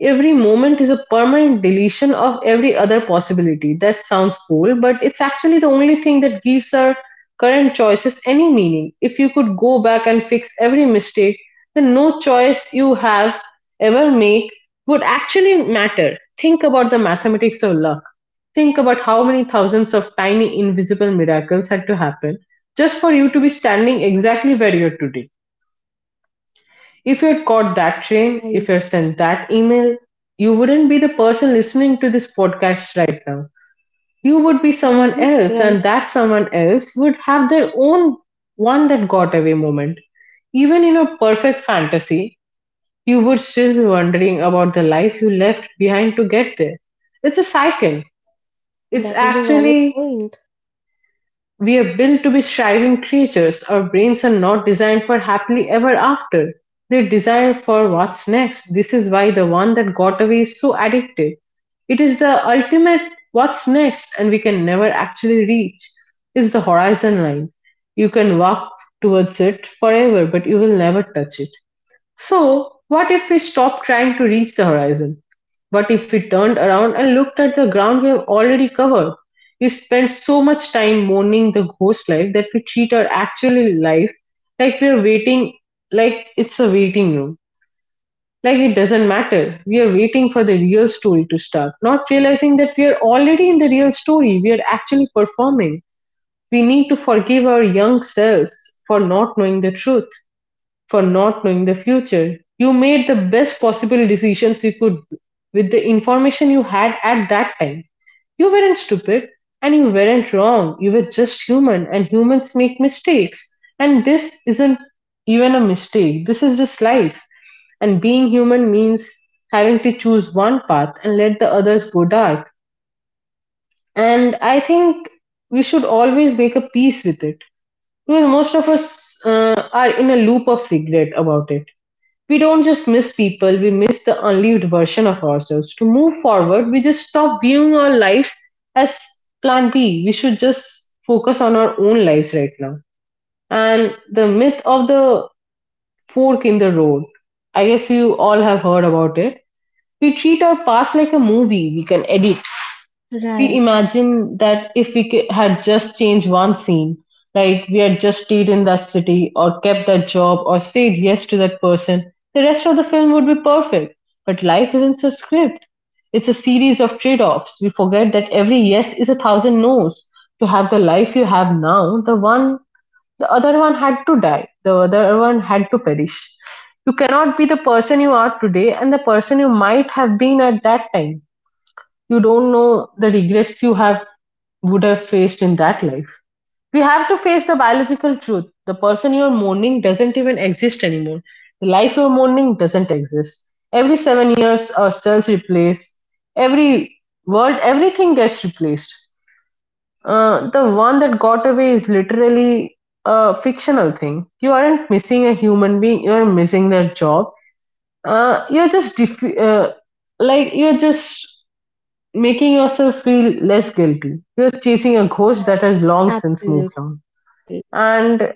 B: Every moment is a permanent deletion of every other possibility. That sounds cool, but it's actually the only thing that gives our current choices any meaning. If you could go back and fix every mistake, then no choice you have ever make would actually matter. Think about the mathematics of luck. Think about how many thousands of tiny invisible miracles had to happen just for you to be standing exactly where you're today. If you'd caught that train, if you'd sent that
A: Right.
B: email, you wouldn't be the person listening to this podcast right now. You would be someone else, and
A: Hmm.
B: that
A: Right.
B: someone else would have their own one that got away moment. Even in a perfect fantasy, you would still be wondering about the life you left behind to get there. It's a cycle. It's
A: That is a valid
B: actually
A: point.
B: we're built to be striving creatures. Our brains are not designed for happily ever after. They're designed for what's next. This is why the one that got away is so addictive. It is the ultimate what's next, and we can never actually reach is the horizon line. You can walk towards it forever, but you will never touch it. So, what if we stopped trying to reach the horizon? What if we turned around and looked at the ground we have already covered? We spend so much time mourning the ghost life that we treat our actual life like we are waiting, like it's a waiting room. Like it doesn't matter. We are waiting for the real story to start, not realizing that we are already in the real story. We are actually performing. We need to forgive our young selves for not knowing the truth, for not knowing the future. You made the best possible decisions you could with the information you had at that time. You weren't stupid and you weren't wrong. You were just human, and humans make mistakes. And this isn't even a mistake, this is just life. And being human means having to choose one path and let the others go dark. And I think we should always make a peace with it because most of us are in a loop of regret about it. We don't just miss people, we miss the unlived version of ourselves. To move forward, we just stop viewing our lives as plan B. We should just focus on our own lives right now. And the myth of the fork in the road, I guess you all have heard about it. We treat our past like a movie we can edit. We imagine
A: Right.
B: that if we had just changed one scene, like we had just stayed in that city or kept that job or said yes to that person, the rest of the film would be perfect. But life isn't a script. It's a series of trade offs. We forget that every yes is a thousand no's. To have the life you have now, the one the other one had to die. The other one had to perish. You cannot be the person you are today and the person you might have been at that time. You don't know the regrets you have would have faced in that life. We have to face the biological truth. The person you're mourning doesn't even exist anymore. The life you're mourning doesn't exist. Every 7 years, our cells replace. Every world, everything gets replaced. The one that got away is literally a fictional thing. You aren't missing a human being. You're missing their job. Uh, you're just def- uh, like you're just making yourself feel less guilty. You're chasing a ghost that has long since moved on.
A: Absolutely.
B: And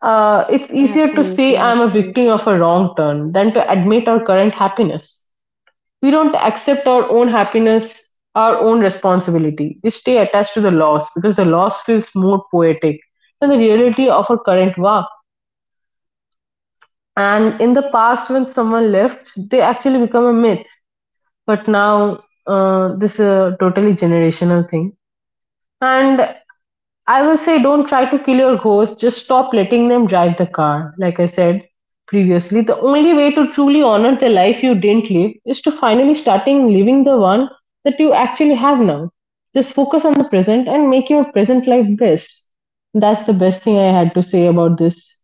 B: it's easier to
A: Absolutely.
B: say I'm a
A: Absolutely.
B: victim of a wrong turn than to admit our current happiness. We don't accept our own happiness, our own responsibility. We stay attached to the loss because the loss feels more poetic than the reality of our current work. And in the past, when someone left, they actually become a myth. But now, this is a totally generational thing. And I will say don't try to kill your ghosts, just stop letting them drive the car. Like I said previously, the only way to truly honor the life you didn't live is to finally starting living the one that you actually have now. Just focus on the present and make your present life best. That's the best thing I had to say about this.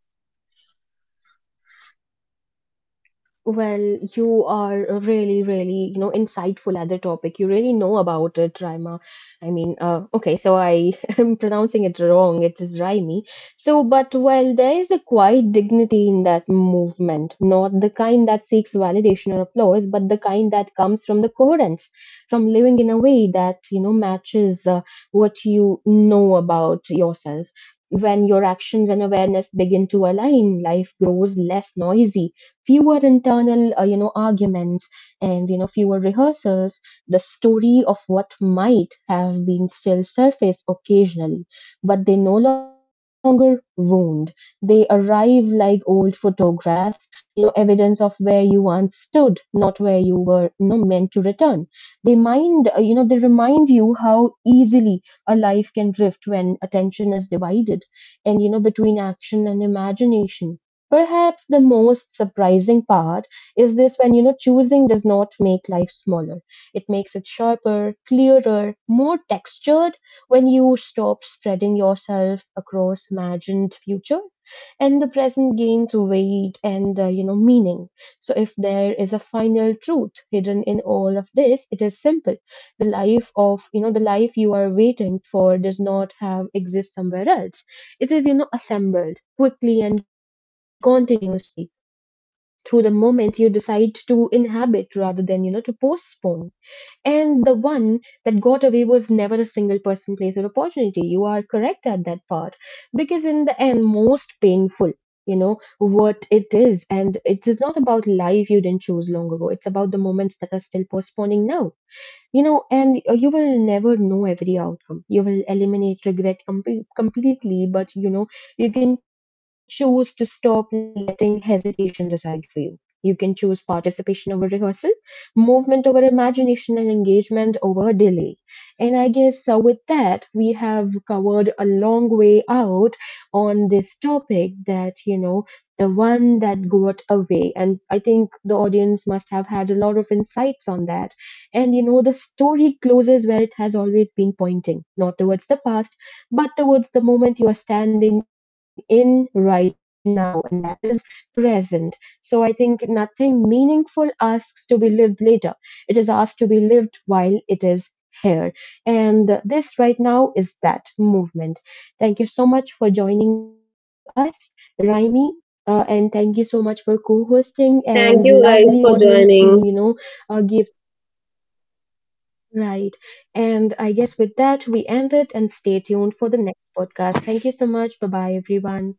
A: Well, you are really, really, insightful at the topic. You really know about it, Raima. I mean, okay, so I am pronouncing it wrong. It is Raimi. So, but while there is a quiet dignity in that movement, not the kind that seeks validation or applause, but the kind that comes from the coherence, from living in a way that, matches what you know about yourself. When your actions and awareness begin to align, life grows less noisy, fewer internal arguments and fewer rehearsals. The story of what might have been still surface occasionally, but they no longer wound. They arrive like old photographs, evidence of where you once stood, not where you were meant to return. They remind you how easily a life can drift when attention is divided and between action and imagination. Perhaps the most surprising part is this: when choosing does not make life smaller. It makes it sharper, clearer, more textured when you stop spreading yourself across imagined future and the present gains weight and meaning. So if there is a final truth hidden in all of this, it is simple. The life you are waiting for does not have exist somewhere else. It is assembled quickly and continuously through the moment you decide to inhabit rather than to postpone. And the one that got away was never a single person, place, or opportunity. You are correct at that part, because in the end most painful, what it is, and it is not about life you didn't choose long ago. It's about the moments that are still postponing now, and you will never know every outcome. You will eliminate regret completely, but you can choose to stop letting hesitation decide for you. You can choose participation over rehearsal, movement over imagination, and engagement over delay. And I guess with that we have covered a long way out on this topic, that the one that got away, and I think the audience must have had a lot of insights on that. And the story closes where it has always been pointing, not towards the past, but towards the moment you are standing in right now, and that is present. So I think nothing meaningful asks to be lived later. It is asked to be lived while it is here. And this right now is that movement. Thank you so much for joining us, Raimi. And thank you so much for co-hosting, and
B: Thank you
A: lovely
B: guys
A: audience
B: for
A: who
B: joining.
A: gave. Right. And I guess with that, we end it and stay tuned for the next podcast. Thank you so much. Bye bye, everyone.